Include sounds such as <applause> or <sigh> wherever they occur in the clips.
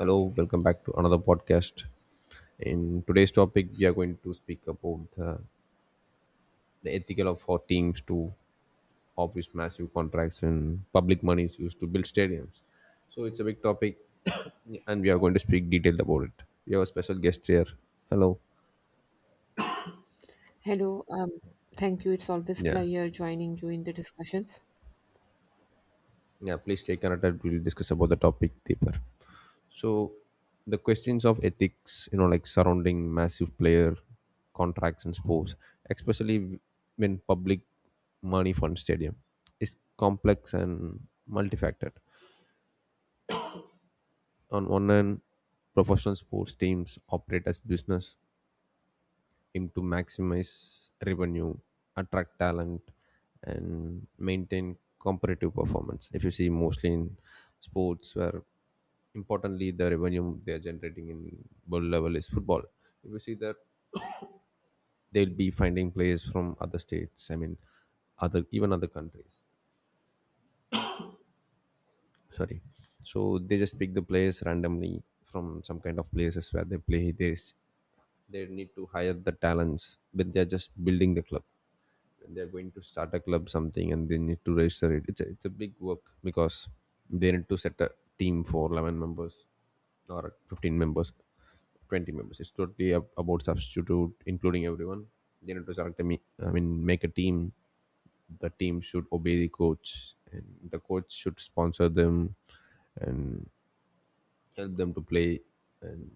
Hello, welcome back to another podcast. In today's topic, we are going to speak about the ethical of how teams to office massive contracts and public money is used to build stadiums. So it's a big topic, <coughs> and we are going to speak detailed about it. We have a special guest here. Hello. Hello, um, Thank you. It's always Yeah. pleasure joining you in the discussions. Yeah. Please stay connected. We'll discuss about the topic deeper. So the questions of ethics, like surrounding massive player contracts in sports, especially when public money fund stadium, is complex and multifaceted. On one hand, professional sports teams operate as business, aim to maximize revenue, attract talent, and maintain competitive performance. If you see mostly in sports, where importantly the revenue they are generating in world level is football. If you see that they'll be finding players from other states. I mean, other even other countries. Sorry, so they just pick the players randomly from some kind of places where they play. This they need to hire the talents, but they're just building the club when they're going to start a club something and they need to register it, it's a big work because they need to set a team for 11 members or 15 members, 20 members. It's totally about substitute including everyone. They need to select a me I mean make a team. The team should obey the coach and the coach should sponsor them, and help them to play, and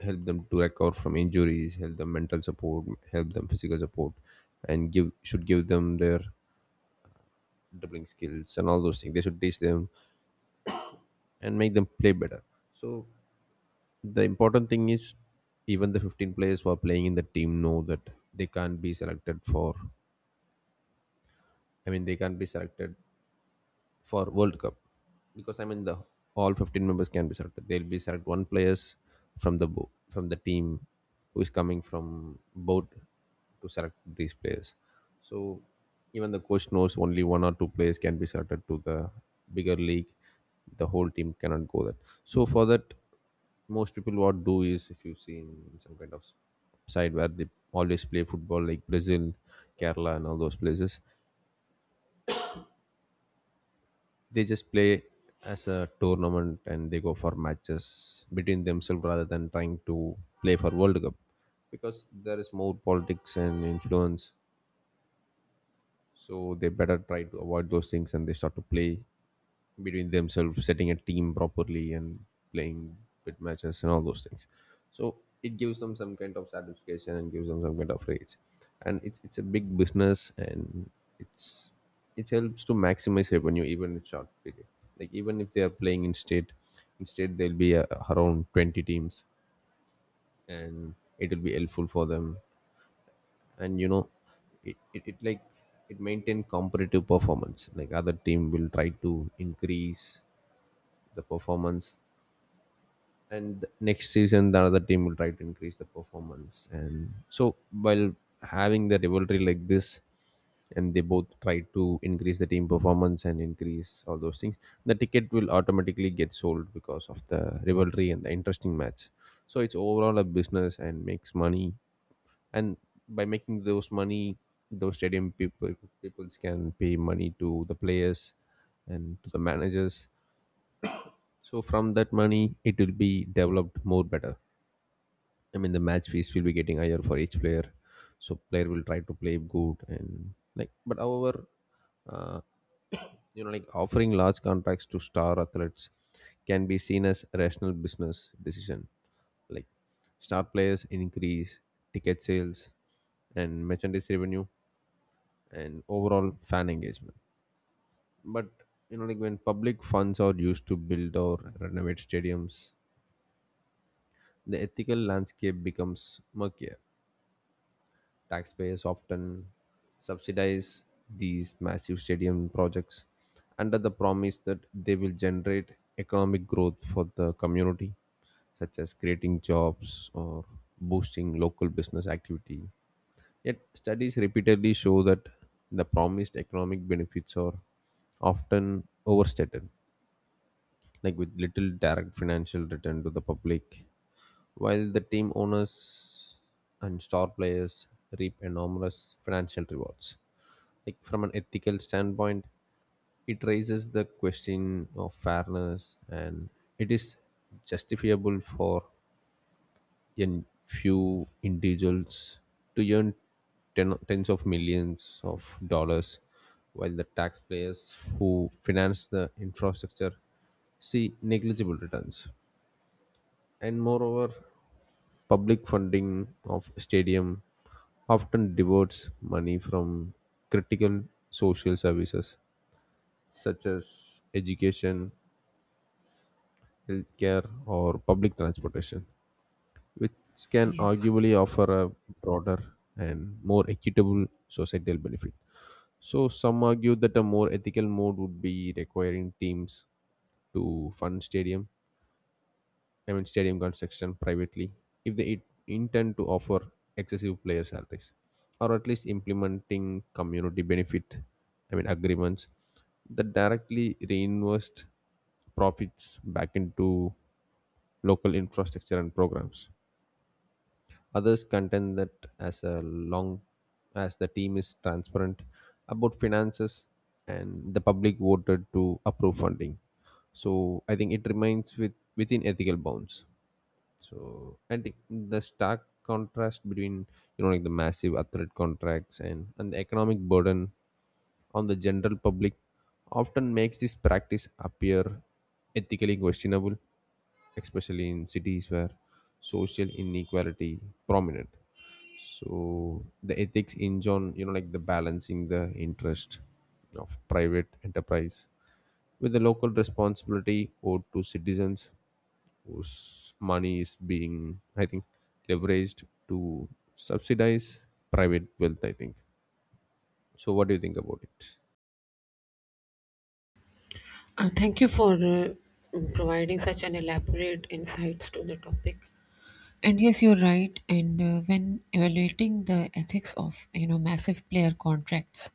help them to recover from injuries, help them mental support, help them physical support, and give should give them their dribbling skills and all those things they should teach them, and make them play better. So the important thing is, even the 15 players who are playing in the team know that they can't be selected for, I mean, they can't be selected for World Cup. Because I mean the all 15 members can be selected. They'll be select one players from the from the team who is coming from both to select these players. So even the coach knows only one or two players can be selected to the bigger league. The whole team cannot go that. So for that, most people what do is if you see in some kind of side where they always play football like Brazil, Kerala, and all those places, they just play as a tournament and they go for matches between themselves rather than trying to play for World Cup, because there is more politics and influence. So they better try to avoid those things and they start to play between themselves, setting a team properly and playing bit matches and all those things. So it gives them some kind of satisfaction and gives them some kind of raise. And it's a big business, and it's it helps to maximize revenue even in short period. Like even if they are playing in state there'll be around 20 teams and it'll be helpful for them. And you know, it like it maintain competitive performance. Like other team will try to increase the performance, and next season the other team will try to increase the performance, and so while having the rivalry like this and they both try to increase the team performance and increase all those things, the ticket will automatically get sold because of the rivalry and the interesting match. So it's overall a business and makes money, and by making those money, those stadium people peoples can pay money to the players and to the managers. So from that money, it will be developed more better. I mean, the match fees will be getting higher for each player. So player will try to play good and like. But however, uh, <coughs> like offering large contracts to star athletes can be seen as a rational business decision. Like star players increase ticket sales and merchandise revenue and overall fan engagement. But like when public funds are used to build or renovate stadiums, the ethical landscape becomes murkier. Taxpayers often subsidize these massive stadium projects under the promise that they will generate economic growth for the community, such as creating jobs or boosting local business activity. Yet, studies repeatedly show that the promised economic benefits are often overstated, like with little direct financial return to the public, while the team owners and star players reap enormous financial rewards. Like from an ethical standpoint, it raises the question of fairness, and it is justifiable for in few individuals to earn tens of millions of dollars, while the taxpayers who finance the infrastructure see negligible returns. And moreover, public funding of stadium often diverts money from critical social services such as education, healthcare, or public transportation, which can Yes. arguably offer a broader and more equitable societal benefit. So, some argue that a more ethical mode would be requiring teams to fund stadium, I mean, stadium construction privately if they intend to offer excessive player salaries, or at least implementing community benefit, I mean, agreements that directly reinvest profits back into local infrastructure and programs. Others contend that as a long as the team is transparent about finances and the public voted to approve funding. So I think it remains within ethical bounds. So and the stark contrast between, like, the massive athlete contracts and the economic burden on the general public often makes this practice appear ethically questionable, especially in cities where social inequality prominent. So the ethics hinge on, like, the balancing the interest of private enterprise with the local responsibility owed to citizens whose money is being, I think, leveraged to subsidize private wealth, I think. So, what do you think about it? Thank you for providing such an elaborate insights to the topic. And yes, you're right. And when evaluating the ethics of massive player contracts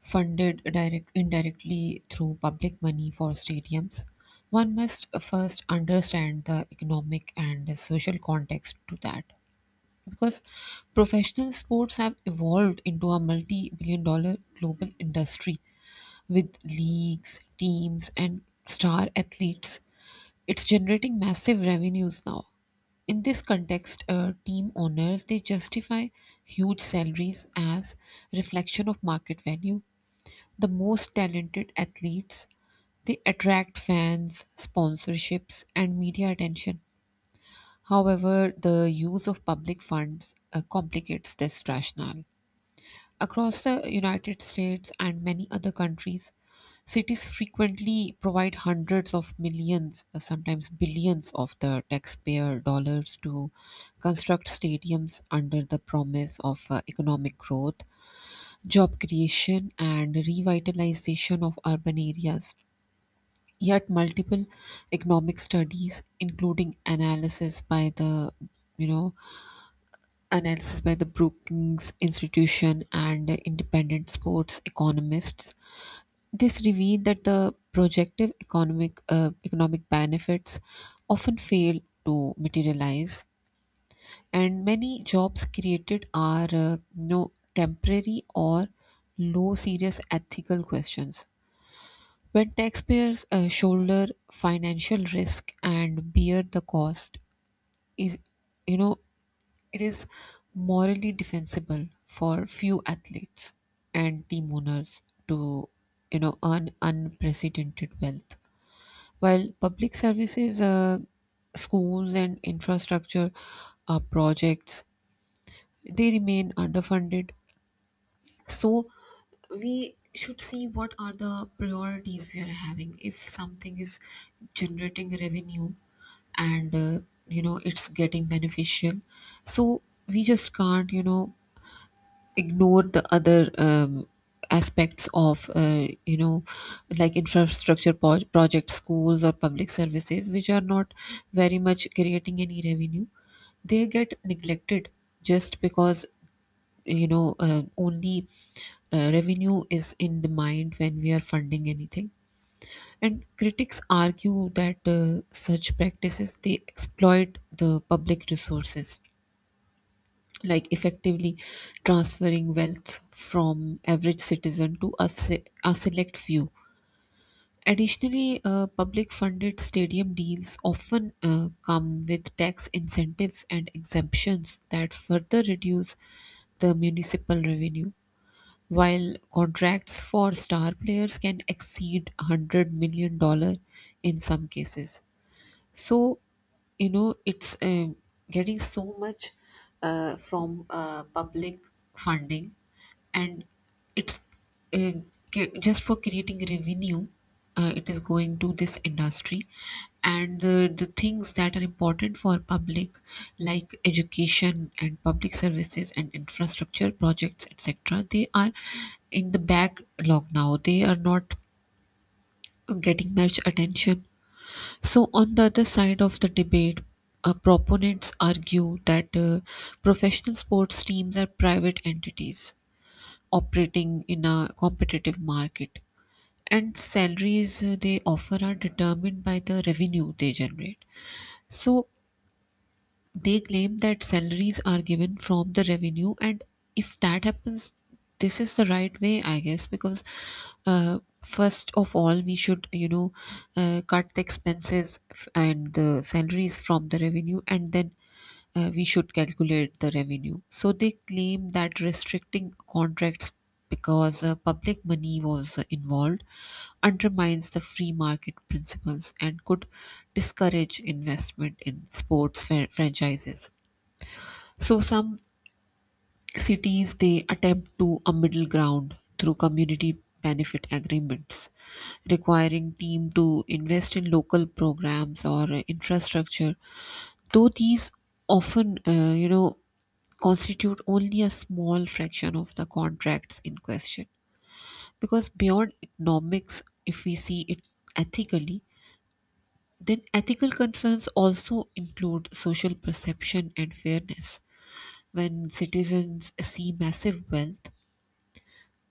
funded direct indirectly through public money for stadiums, one must first understand the economic and social context to that, because professional sports have evolved into a multi billion-dollar global industry with leagues, teams, and star athletes. It's generating massive revenues now. In this context, team owners they justify huge salaries as reflection of market value. The most talented athletes they attract fans, sponsorships, and media attention. However, the use of public funds complicates this rationale. Across the United States and many other countries, cities frequently provide hundreds of millions, sometimes billions of the taxpayer dollars to construct stadiums under the promise of economic growth, job creation, and revitalization of urban areas. Yet, multiple economic studies, including analysis by the you know analysis by the Brookings Institution and independent sports economists. This revealed that the projective economic economic benefits often fail to materialize, and many jobs created are no temporary or low serious ethical questions. When taxpayers shoulder financial risk and bear the cost, is you know it is morally defensible for few athletes and team owners to, earn unprecedented wealth. While public services, schools, and infrastructure projects, they remain underfunded. So we should see what are the priorities we are having. If something is generating revenue and it's getting beneficial, so we just can't ignore the other aspects of like infrastructure projects, schools, or public services, which are not very much creating any revenue. They get neglected just because only revenue is in the mind when we are funding anything. And critics argue that such practices they exploit the public resources, like effectively transferring wealth from average citizen to a select few. Additionally, public funded stadium deals often come with tax incentives and exemptions that further reduce the municipal revenue. While contracts for star players can exceed $100 million dollars in some cases, so it's getting so much from public funding, and it's uh, just for creating revenue. It is going to this industry, and the things that are important for public like education and public services and infrastructure projects etc, they are in the backlog now. They are not getting much attention. So, on the other side of the debate, proponents argue that professional sports teams are private entities operating in a competitive market, and salaries they offer are determined by the revenue they generate. So, they claim that salaries are given from the revenue, and if that happens, this is the right way, I guess, because first of all, we should, cut the expenses and the salaries from the revenue, and then we should calculate the revenue. So they claim that restricting contracts because public money was involved undermines the free market principles and could discourage investment in sports franchises. So some cities they attempt to a middle ground through community benefit agreements requiring team to invest in local programs or infrastructure, though these often constitute only a small fraction of the contracts in question. Because beyond economics if we see it ethically, then ethical concerns also include social perception and fairness. When citizens see massive wealth,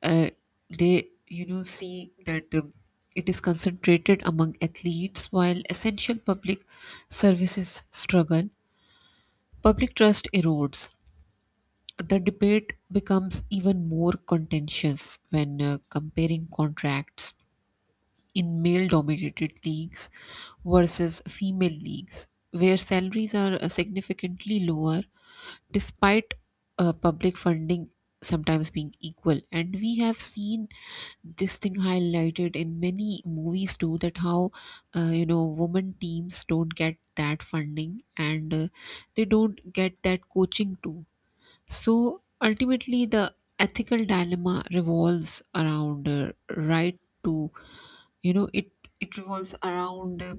uh, they see that it is concentrated among athletes while essential public services struggle, public trust erodes. The debate becomes even more contentious when comparing contracts in male dominated leagues versus female leagues, where salaries are significantly lower despite public funding sometimes being equal. And we have seen this thing highlighted in many movies too, that how, women teams don't get that funding, and they don't get that coaching too. So ultimately, the ethical dilemma revolves around right to, you know, it it revolves around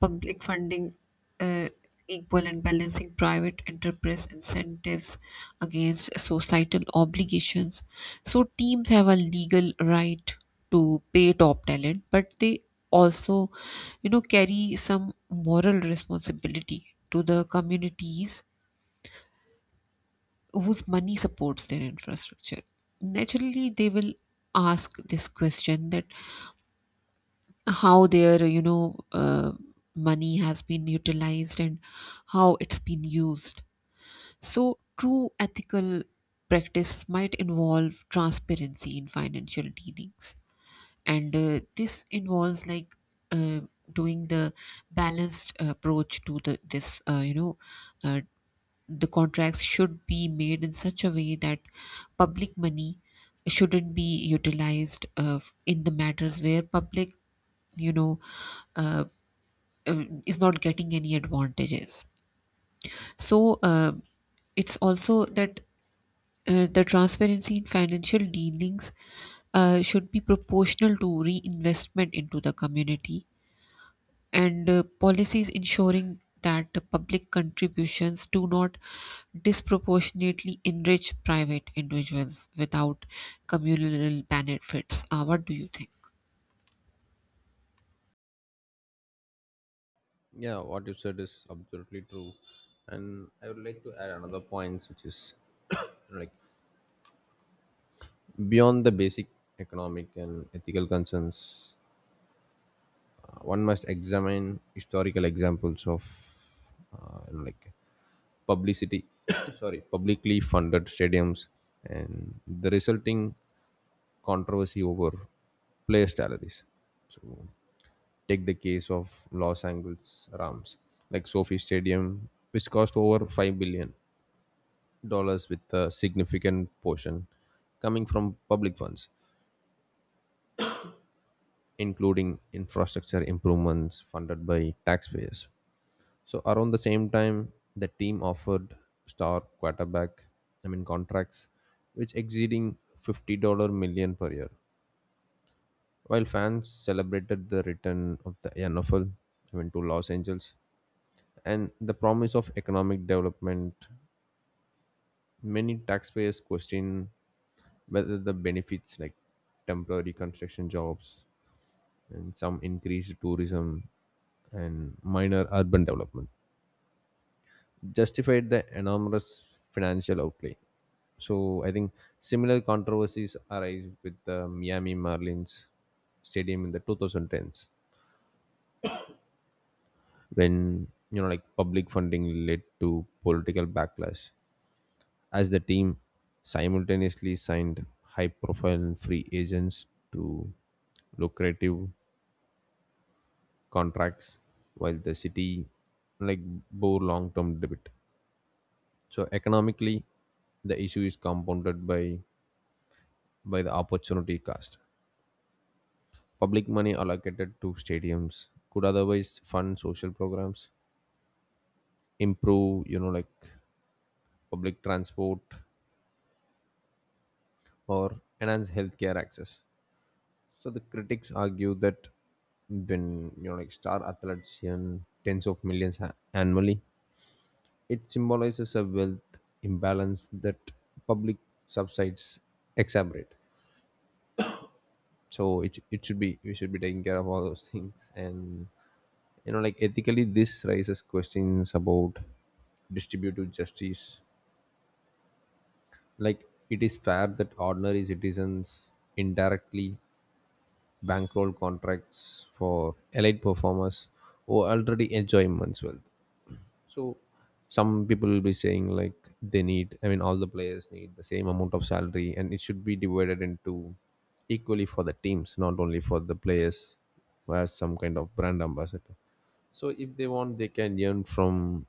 public funding, uh, equal and balancing private enterprise incentives against societal obligations. So teams have a legal right to pay top talent, but they also, carry some moral responsibility to the communities whose money supports their infrastructure. Naturally they will ask this question, that how their money has been utilized and how it's been used. So true ethical practice might involve transparency in financial dealings, and this involves like uh, doing the balanced approach to the this you know uh, the contracts should be made in such a way that public money shouldn't be utilized in the matters where public you know uh, is not getting any advantages. So it's also that the transparency in financial dealings should be proportional to reinvestment into the community, and policies ensuring that the public contributions do not disproportionately enrich private individuals without communal benefits. What do you think? Yeah, what you said is absolutely true. And I would like to add another point, which is, <coughs> like, beyond the basic economic and ethical concerns, one must examine historical examples of, like, publicity <coughs> sorry publicly funded stadiums and the resulting controversy over player salaries. So take the case of Los Angeles Rams, like sophie stadium, which cost over $5 billion with a significant portion coming from public funds, including infrastructure improvements funded by taxpayers. So around the same time, the team offered star quarterback, I mean contracts, which exceeding fifty-dollar million per year. While fans celebrated the return of the NFL, I mean to Los Angeles, and the promise of economic development, many taxpayers question whether the benefits, like temporary construction jobs and some increased tourism and minor urban development, justified the enormous financial outlay. So I think similar controversies arise with the Miami Marlins stadium in the 2010s when, like, public funding led to political backlash as the team simultaneously signed high profile free agents to lucrative contracts while the city, like, bore long term debt. So economically the issue is compounded by the opportunity cost. Public money allocated to stadiums could otherwise fund social programs, improve, you know, like public transport or enhance healthcare access. So the critics argue that when, like, star athletes earn tens of millions annually, it symbolizes a wealth imbalance that public subsides exacerbate. So it should be we should be taking care of all those things and, like, ethically this raises questions about distributive justice, like it is fair that ordinary citizens indirectly bankroll contracts for elite performers who already enjoy immense wealth. So some people will be saying like they need, I mean, all the players need the same amount of salary and it should be divided into equally for the teams, not only for the players as some kind of brand ambassador. So if they want, they can earn from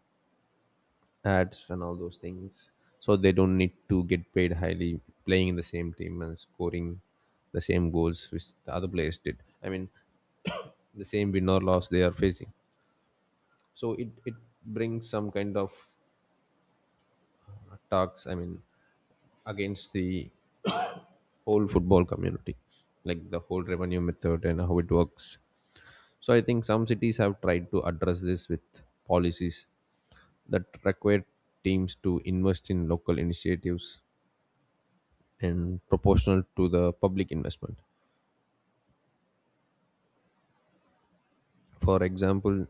ads and all those things. So they don't need to get paid highly playing in the same team and scoring the same goals which the other players did. I mean, <coughs> the same win or loss they are facing. So it brings some kind of talks, I mean, against the whole football community, like the whole revenue method and how it works. So I think some cities have tried to address this with policies that require teams to invest in local initiatives and proportional to the public investment. For example,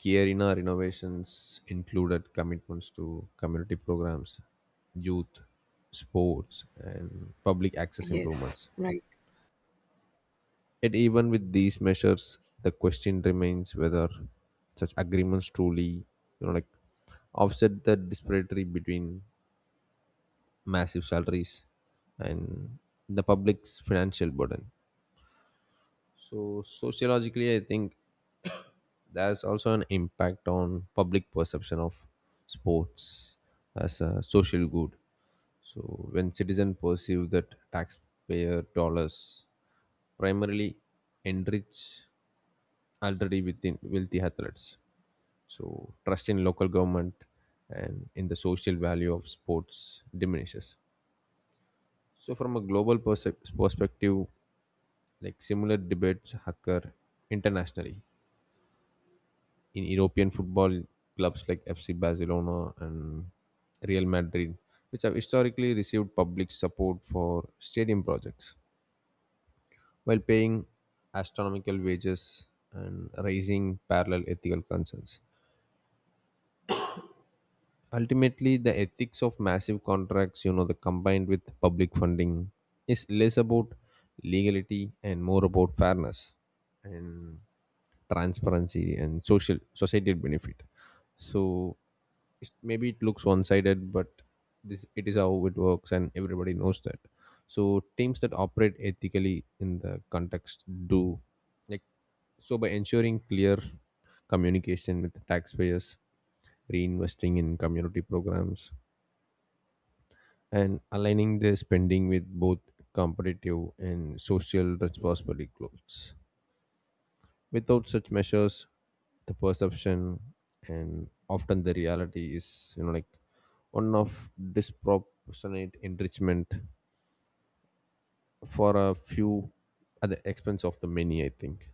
Kierina renovations included commitments to community programs, youth, sports, and public access Yes, improvements. right. Yet, even with these measures, the question remains whether such agreements truly, you know, like offset the disparity between massive salaries and the public's financial burden. So, sociologically, I think there's also an impact on public perception of sports as a social good. So when citizens perceive that taxpayer dollars primarily enrich already within wealthy athletes, so trust in local government and in the social value of sports diminishes. So from a global perspective, like similar debates occur internationally. In European football clubs like FC Barcelona and Real Madrid, which have historically received public support for stadium projects while paying astronomical wages and raising parallel ethical concerns. Ultimately, the ethics of massive contracts, the combined with public funding, is less about legality and more about fairness. And transparency and social societal benefit, so it's, maybe it looks one-sided, but this it is how it works and everybody knows that. So teams that operate ethically in the context do, like, so by ensuring clear communication with taxpayers, reinvesting in community programs, and aligning their spending with both competitive and social responsibility goals. Without such measures, the perception and often the reality is, like one of disproportionate enrichment for a few at the expense of the many, I think.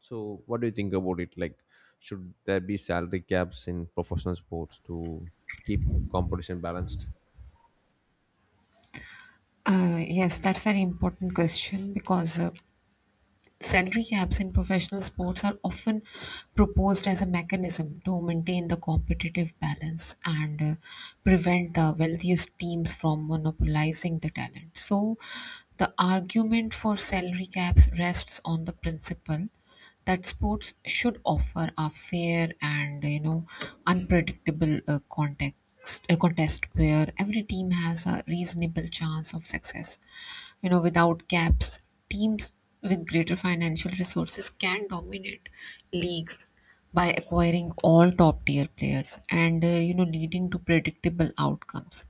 So, what do you think about it? Like, should there be salary caps in professional sports to keep competition balanced? Yes, that's an important question because salary caps in professional sports are often proposed as a mechanism to maintain the competitive balance and prevent the wealthiest teams from monopolizing the talent. So, the argument for salary caps rests on the principle that sports should offer a fair and unpredictable context a contest where every team has a reasonable chance of success. Without caps, teams with greater financial resources can dominate leagues by acquiring all top tier players and, leading to predictable outcomes.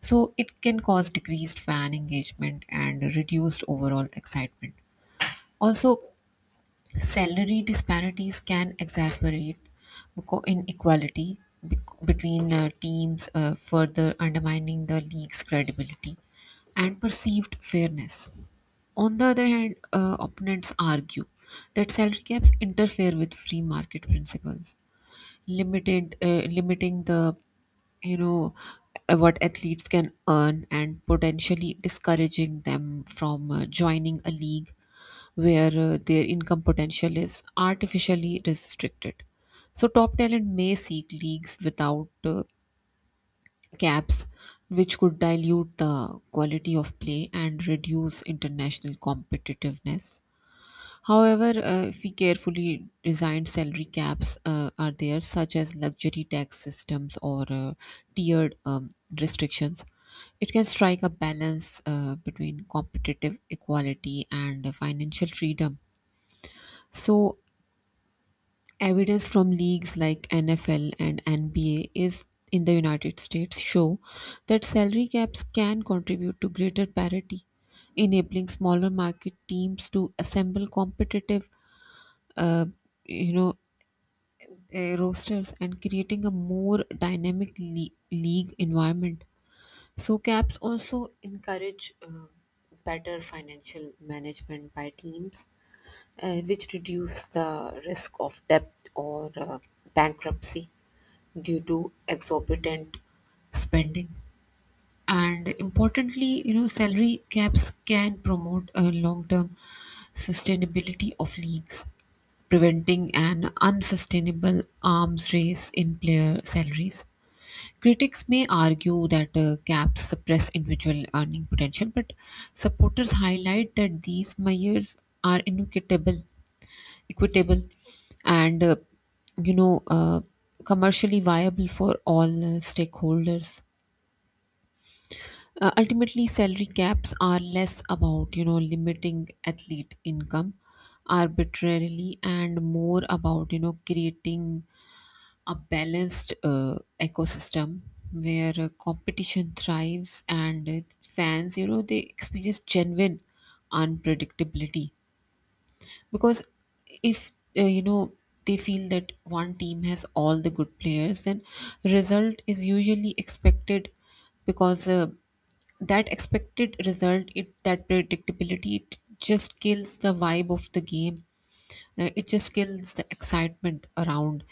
So it can cause decreased fan engagement and reduced overall excitement. Also, salary disparities can exacerbate inequality between teams, further undermining the league's credibility and perceived fairness. On the other hand, opponents argue that salary caps interfere with free market principles, limited limiting the you know what athletes can earn and potentially discouraging them from joining a league where their income potential is artificially restricted. So top talent may seek leagues without caps, which could dilute the quality of play and reduce international competitiveness. However, if we carefully designed salary caps are there, such as luxury tax systems or tiered restrictions, it can strike a balance between competitive equality and financial freedom. So, evidence from leagues like NFL and NBA is in the United States show that salary caps can contribute to greater parity, enabling smaller market teams to assemble competitive uh, you know rosters and creating a more dynamic league environment. So caps also encourage better financial management by teams, which reduce the risk of debt or bankruptcy due to exorbitant spending. And importantly, salary caps can promote a long-term sustainability of leagues, preventing an unsustainable arms race in player salaries. Critics may argue that caps suppress individual earning potential, but supporters highlight that these measures are inequitable equitable and you know uh, commercially viable for all stakeholders. Ultimately, salary caps are less about, limiting athlete income arbitrarily, and more about, creating a balanced ecosystem where competition thrives and fans, they experience genuine unpredictability. Because if uh, you know they feel that one team has all the good players, then result is usually expected. Because that expected result, it, that predictability, it just kills the vibe of the game. It just kills the excitement around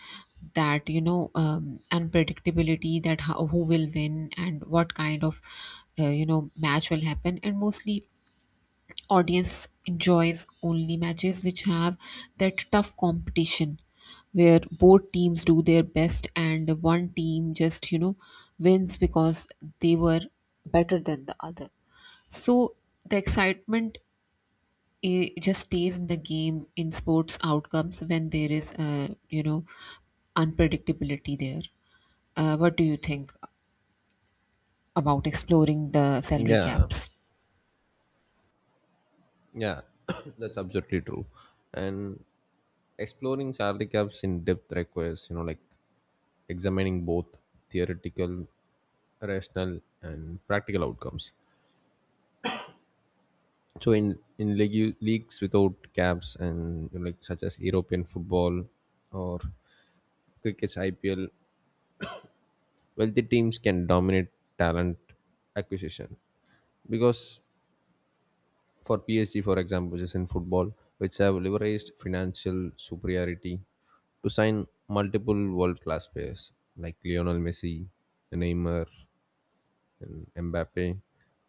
that, unpredictability, that how, who will win and what kind of match will happen. And mostly audience enjoys only matches which have that tough competition, where both teams do their best and one team just wins because they were better than the other. So the excitement, it just stays in the game in sports outcomes when there is a unpredictability there. What do you think about exploring the salary Yeah, caps? yeah, <coughs> that's absolutely true. And exploring salary caps in depth requires, like examining both theoretical rational and practical outcomes. So in leagues without caps and, you know, like such as European football or cricket's IPL, wealthy teams can dominate talent acquisition, because for PSG, for example, just in football, which have leveraged financial superiority to sign multiple world class players like Lionel Messi, Neymar, and Mbappe,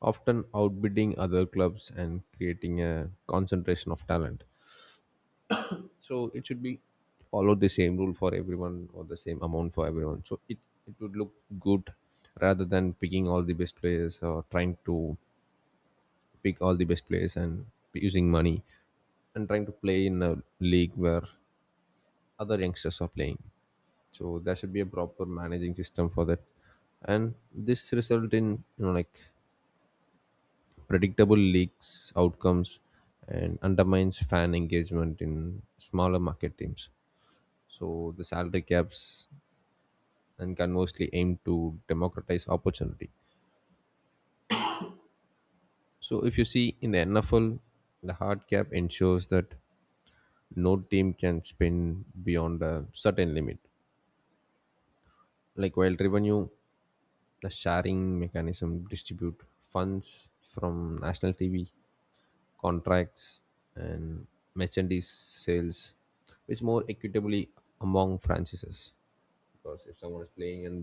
often outbidding other clubs and creating a concentration of talent. So it should be follow the same rule for everyone or the same amount for everyone. So it would look good, rather than picking all the best players or trying to pick all the best players and using money and trying to play in a league where other youngsters are playing. So there should be a proper managing system for that, and this result in, you know, like predictable leaks, outcomes, and undermines fan engagement in smaller market teams. So the salary caps and conversely aim to democratize opportunity. So if you see in the NFL, the hard cap ensures that no team can spend beyond a certain limit. Like, while revenue. The sharing mechanism distribute funds from national TV contracts and merchandise sales, which more equitably among franchises. Because if someone is playing and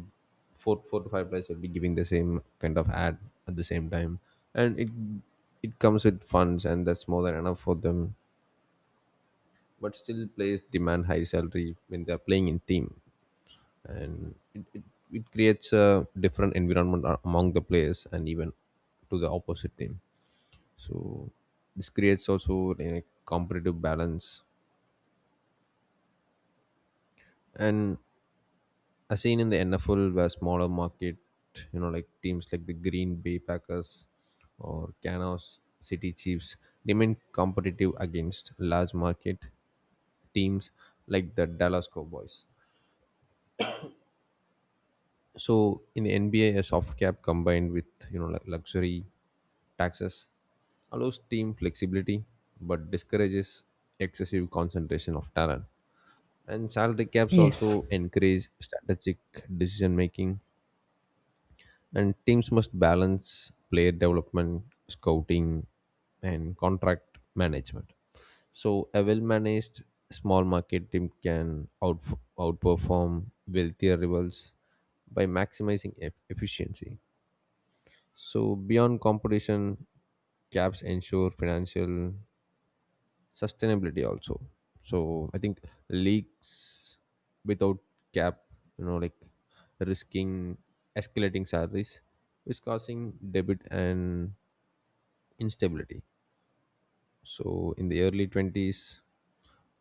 four to five players will be giving the same kind of ad at the same time, and it comes with funds and that's more than enough for them. But still, players demand high salary when they are playing in team, and it creates a different environment among the players and even to the opposite team. So this creates also a competitive balance, and as seen in the NFL where smaller market, you know, like teams like the Green Bay Packers or Kansas City Chiefs remain competitive against large market teams like the Dallas Cowboys. So in the NBA, a soft cap combined with, you know, luxury taxes allows team flexibility, but discourages excessive concentration of talent. And salary caps Yes. also encourage strategic decision making, and teams must balance player development, scouting, and contract management. So, a well managed small market team can outperform wealthier rivals by maximizing efficiency. So, beyond competition, caps ensure financial sustainability also. So I think leaks without cap, you know, like risking escalating salaries is causing debit and instability. So in the early 20s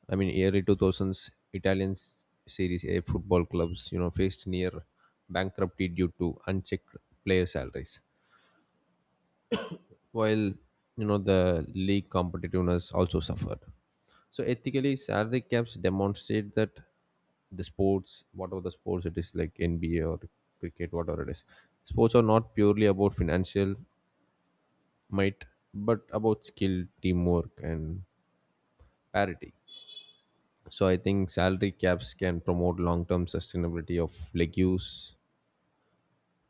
i mean early 2000s Italian series A football clubs, you know, faced near bankruptcy due to unchecked player salaries, while, you know, the league competitiveness also suffered. So ethically, salary caps demonstrate that the sports, whatever the sports it is, like NBA or cricket, whatever it is, sports are not purely about financial might, but about skill, teamwork, and parity. So I think salary caps can promote long-term sustainability of league use,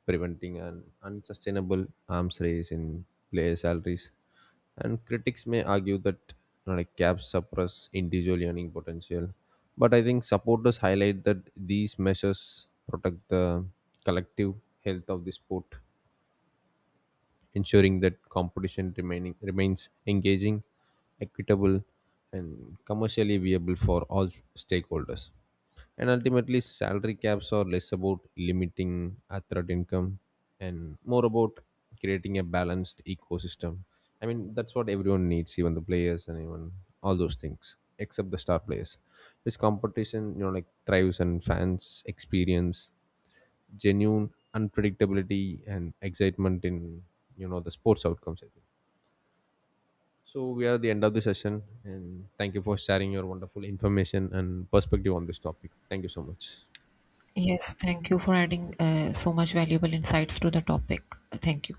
preventing an unsustainable arms race in player salaries. And critics may argue that, you know, like caps suppress individual earning potential, but I think supporters highlight that these measures protect the collective health of the sport, ensuring that competition remaining remains engaging, equitable, and commercially viable for all stakeholders. And ultimately, salary caps are less about limiting athlete income and more about creating a balanced ecosystem. I mean, that's what everyone needs, even the players and even all those things, except the star players. This competition, you know, like thrives and fans experience genuine unpredictability and excitement in, you know, the sports outcomes. I think. So we are at the end of the session, and thank you for sharing your wonderful information and perspective on this topic. Thank you so much. Yes, thank you for adding so much valuable insights to the topic. Thank you.